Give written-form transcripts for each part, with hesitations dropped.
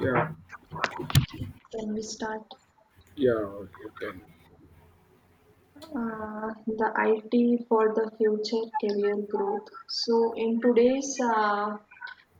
Yeah, When we start yeah, okay. The IT for the future career growth. So, in today's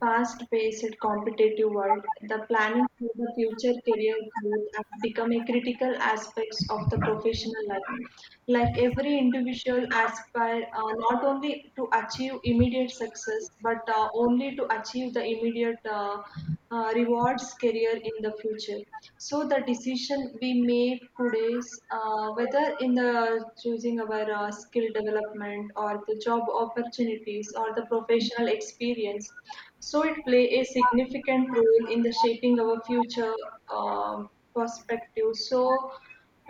fast paced competitive world, the planning for the future career growth has become a critical aspect of the professional life. Like every individual aspire not only to achieve immediate success, but only to achieve the immediate rewards career in the future. So the decision we make today, whether in the choosing our skill development or the job opportunities or the professional experience, so it play a significant role in the shaping our future um perspective. So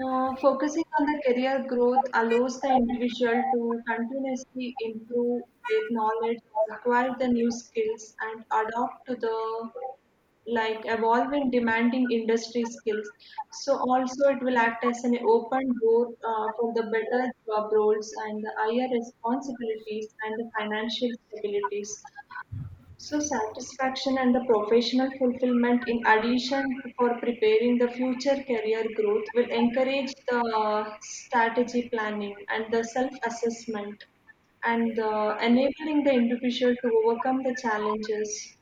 focusing on the career growth allows the individual to continuously improve their knowledge, acquire the new skills, and adapt to the like evolving demanding industry skills. So also it will act as an open door for the better job roles and the higher responsibilities and the financial stabilities. So satisfaction and the professional fulfillment in addition for preparing the future career growth will encourage the strategy planning and the self-assessment and enabling the individual to overcome the challenges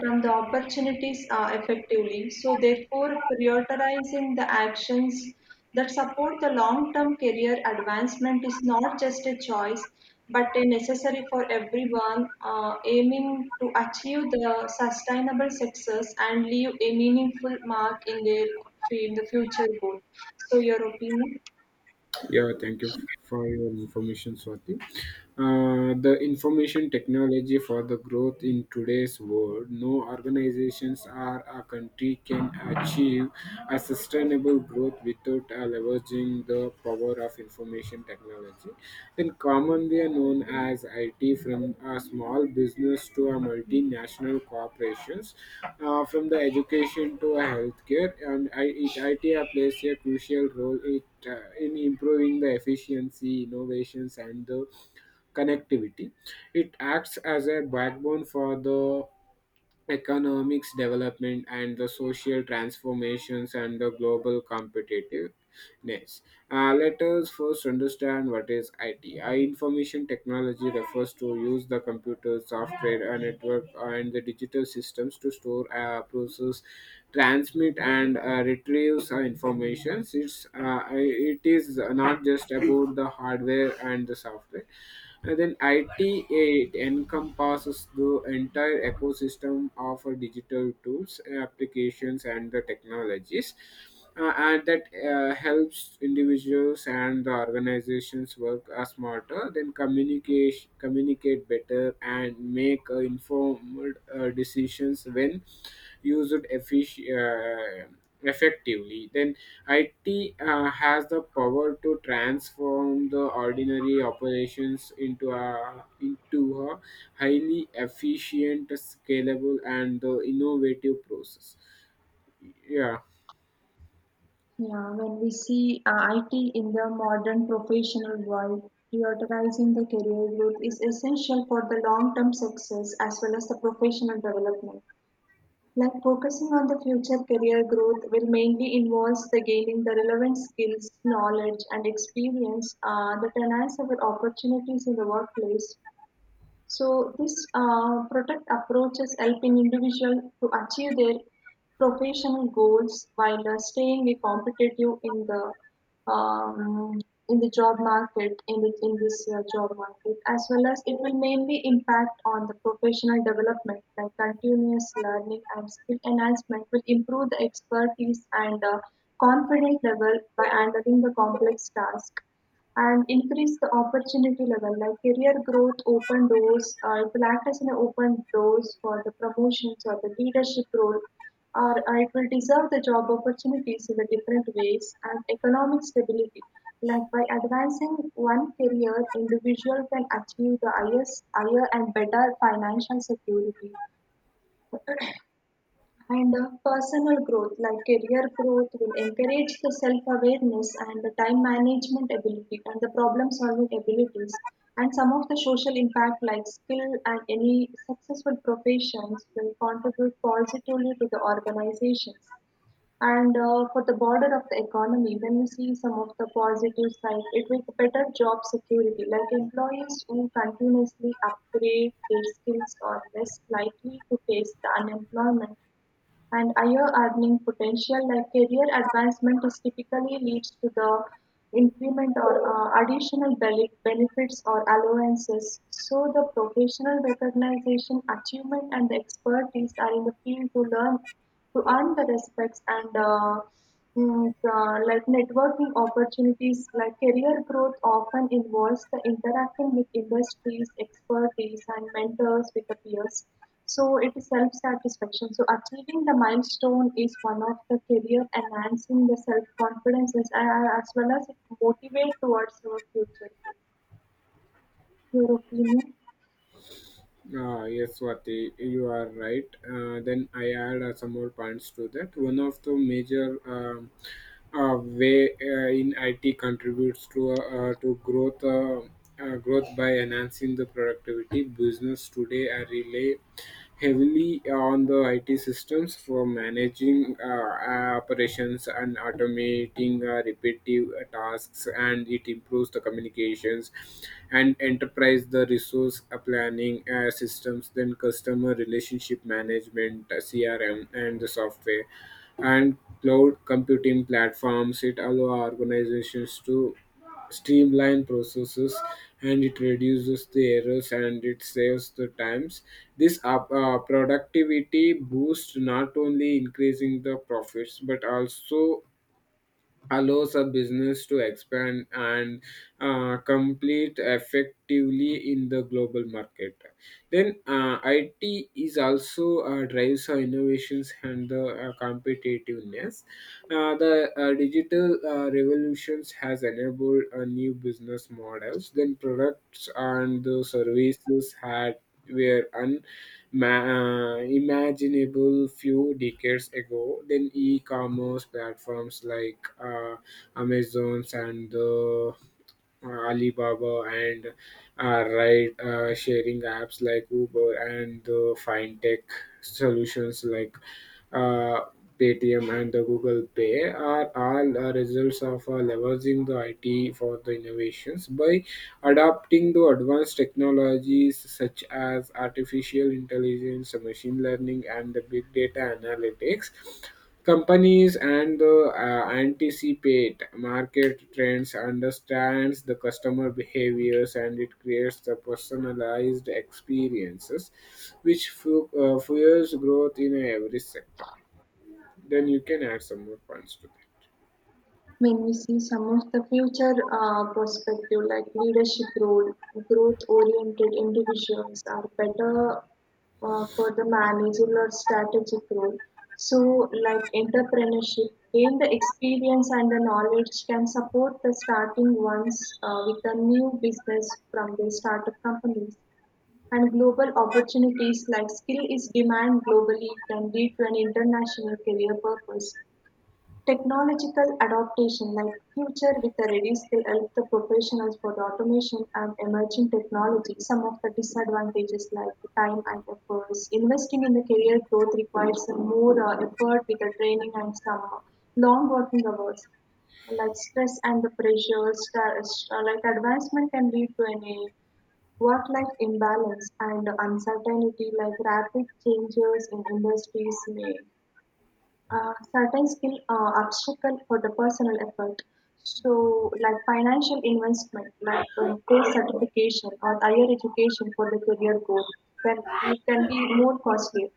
from the opportunities effectively. So, therefore, prioritizing the actions that support the long term career advancement is not just a choice but a necessary for everyone aiming to achieve the sustainable success and leave a meaningful mark in their in the future goal. So, your opinion? Yeah, thank you for your information, Swati. The information technology for the growth in today's world, no organizations or a country can achieve a sustainable growth without leveraging the power of information technology. In common, they are known as IT from a small business to a multinational corporations, from the education to a healthcare, and IT plays a crucial role in improving the efficiency, innovations, and the connectivity. It acts as a backbone for the economics development and the social transformations and the global competitiveness. Let us first understand what is IT. Information technology refers to use the computer, software, and network and the digital systems to store, process, transmit, and retrieve information. It is not just about the hardware and the software, and then IT encompasses the entire ecosystem of digital tools, applications, and the technologies, and that helps individuals and the organizations work smarter, then communicate better, and make informed decisions when used uh, effectively. Then IT has the power to transform the ordinary operations into a highly efficient, scalable, and innovative process. Yeah. Yeah, when we see IT in the modern professional world, prioritizing the career growth is essential for the long-term success as well as the professional development. Like focusing on the future career growth will mainly involves the gaining the relevant skills, knowledge, and experience that enhance our opportunities in the workplace so this protect approaches helping individual to achieve their professional goals while staying competitive um, in the job market in the, in this job market as well as it will mainly impact on the professional development like continuous learning and skill enhancement will improve the expertise and confident level by handling the complex task and increase the opportunity level like career growth open doors it will act as an open doors for the promotions or the leadership role or it will deserve the job opportunities in the different ways and economic stability like by advancing one career individual can achieve the highest higher and better financial security And personal growth, like career growth, will encourage the self awareness and the time management ability and the problem solving abilities. And some of the social impact, like skill and any successful professions, will contribute positively to the organizations. And for the border of the economy, when you see some of the positive side, it will better job security. Like employees who continuously upgrade their skills are less likely to face the unemployment and higher earning potential like career advancement is typically leads to the increment or additional benefits or allowances so the professional recognition achievement and the expertise are in the field to learn to earn the respects and like networking opportunities like career growth often involves the interacting with industries expertise and mentors with the peers so it is self satisfaction so achieving the milestone is one of the career enhancing the self confidence as well as it motivate towards your future goal your opinion Ah, yes, Swati, you are right. Then I add some more points to that. One of the major way in IT contributes to growth growth by enhancing the productivity. Business today are relay heavily on the IT systems for managing operations and automating repetitive tasks, and it improves the communications and enterprise the resource planning systems, then customer relationship management, CRM, and the software and cloud computing platforms. It allow organizations to streamline processes, and it reduces the errors, and it saves the times. This productivity boost not only increasing the profits but also allows a business to expand and complete effectively in the global market. Then IT is also drives our innovations and the competitiveness. The digital revolutions has enabled new business models. Then products and the services had were unimaginable few decades ago. Then e-commerce platforms like Amazon's and Alibaba, and ride sharing apps like Uber, and fintech solutions like uh, Paytm and the Google Pay are all results of leveraging the IT for the innovations. By adapting to advanced technologies such as artificial intelligence, machine learning, and the big data analytics, companies and the anticipate market trends, understands the customer behaviors, and it creates the personalized experiences, which fuels growth in every sector. Then you can add some more points to that. when we see some of the future perspective like leadership role growth oriented individuals are better for the managerial or strategic role so like entrepreneurship gain the experience and the knowledge can support the starting ones with a new business from the startup companies and global opportunities like skill is demand globally can lead to an international career purpose. Technological adaptation like Future with a Ready skill help the professionals for the automation and emerging technology. Some of the disadvantages like the time and efforts. Investing in the career growth requires some more effort with the training and some long working hours. Like stress and the pressure, like advancement can lead to an a work-life imbalance and uncertainty like rapid changes in industries may certain skill obstacle for the personal effort. So, like financial investment, like course certification or higher education for the career goal, can it can be more costly.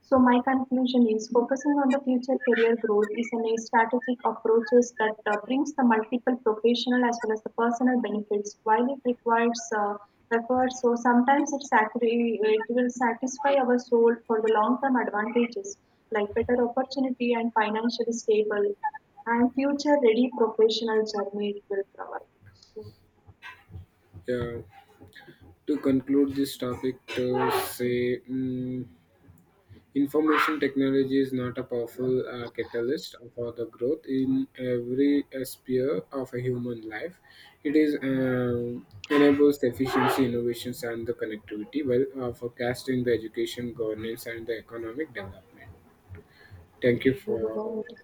So my conclusion is focusing on the future career growth is an a strategic approaches that brings the multiple professional as well as the personal benefits. While it requires effort, so sometimes it's actually it will satisfy our soul for the long-term advantages like better opportunity and financially stable and future-ready professional journey it will provide. Yeah. To conclude this topic, to say. Information technology is not a powerful catalyst for the growth in every sphere of a human life. It is enables efficiency, innovations, and the connectivity, well, forecasting the education, governance, and the economic development. Thank you Yeah, we for will end.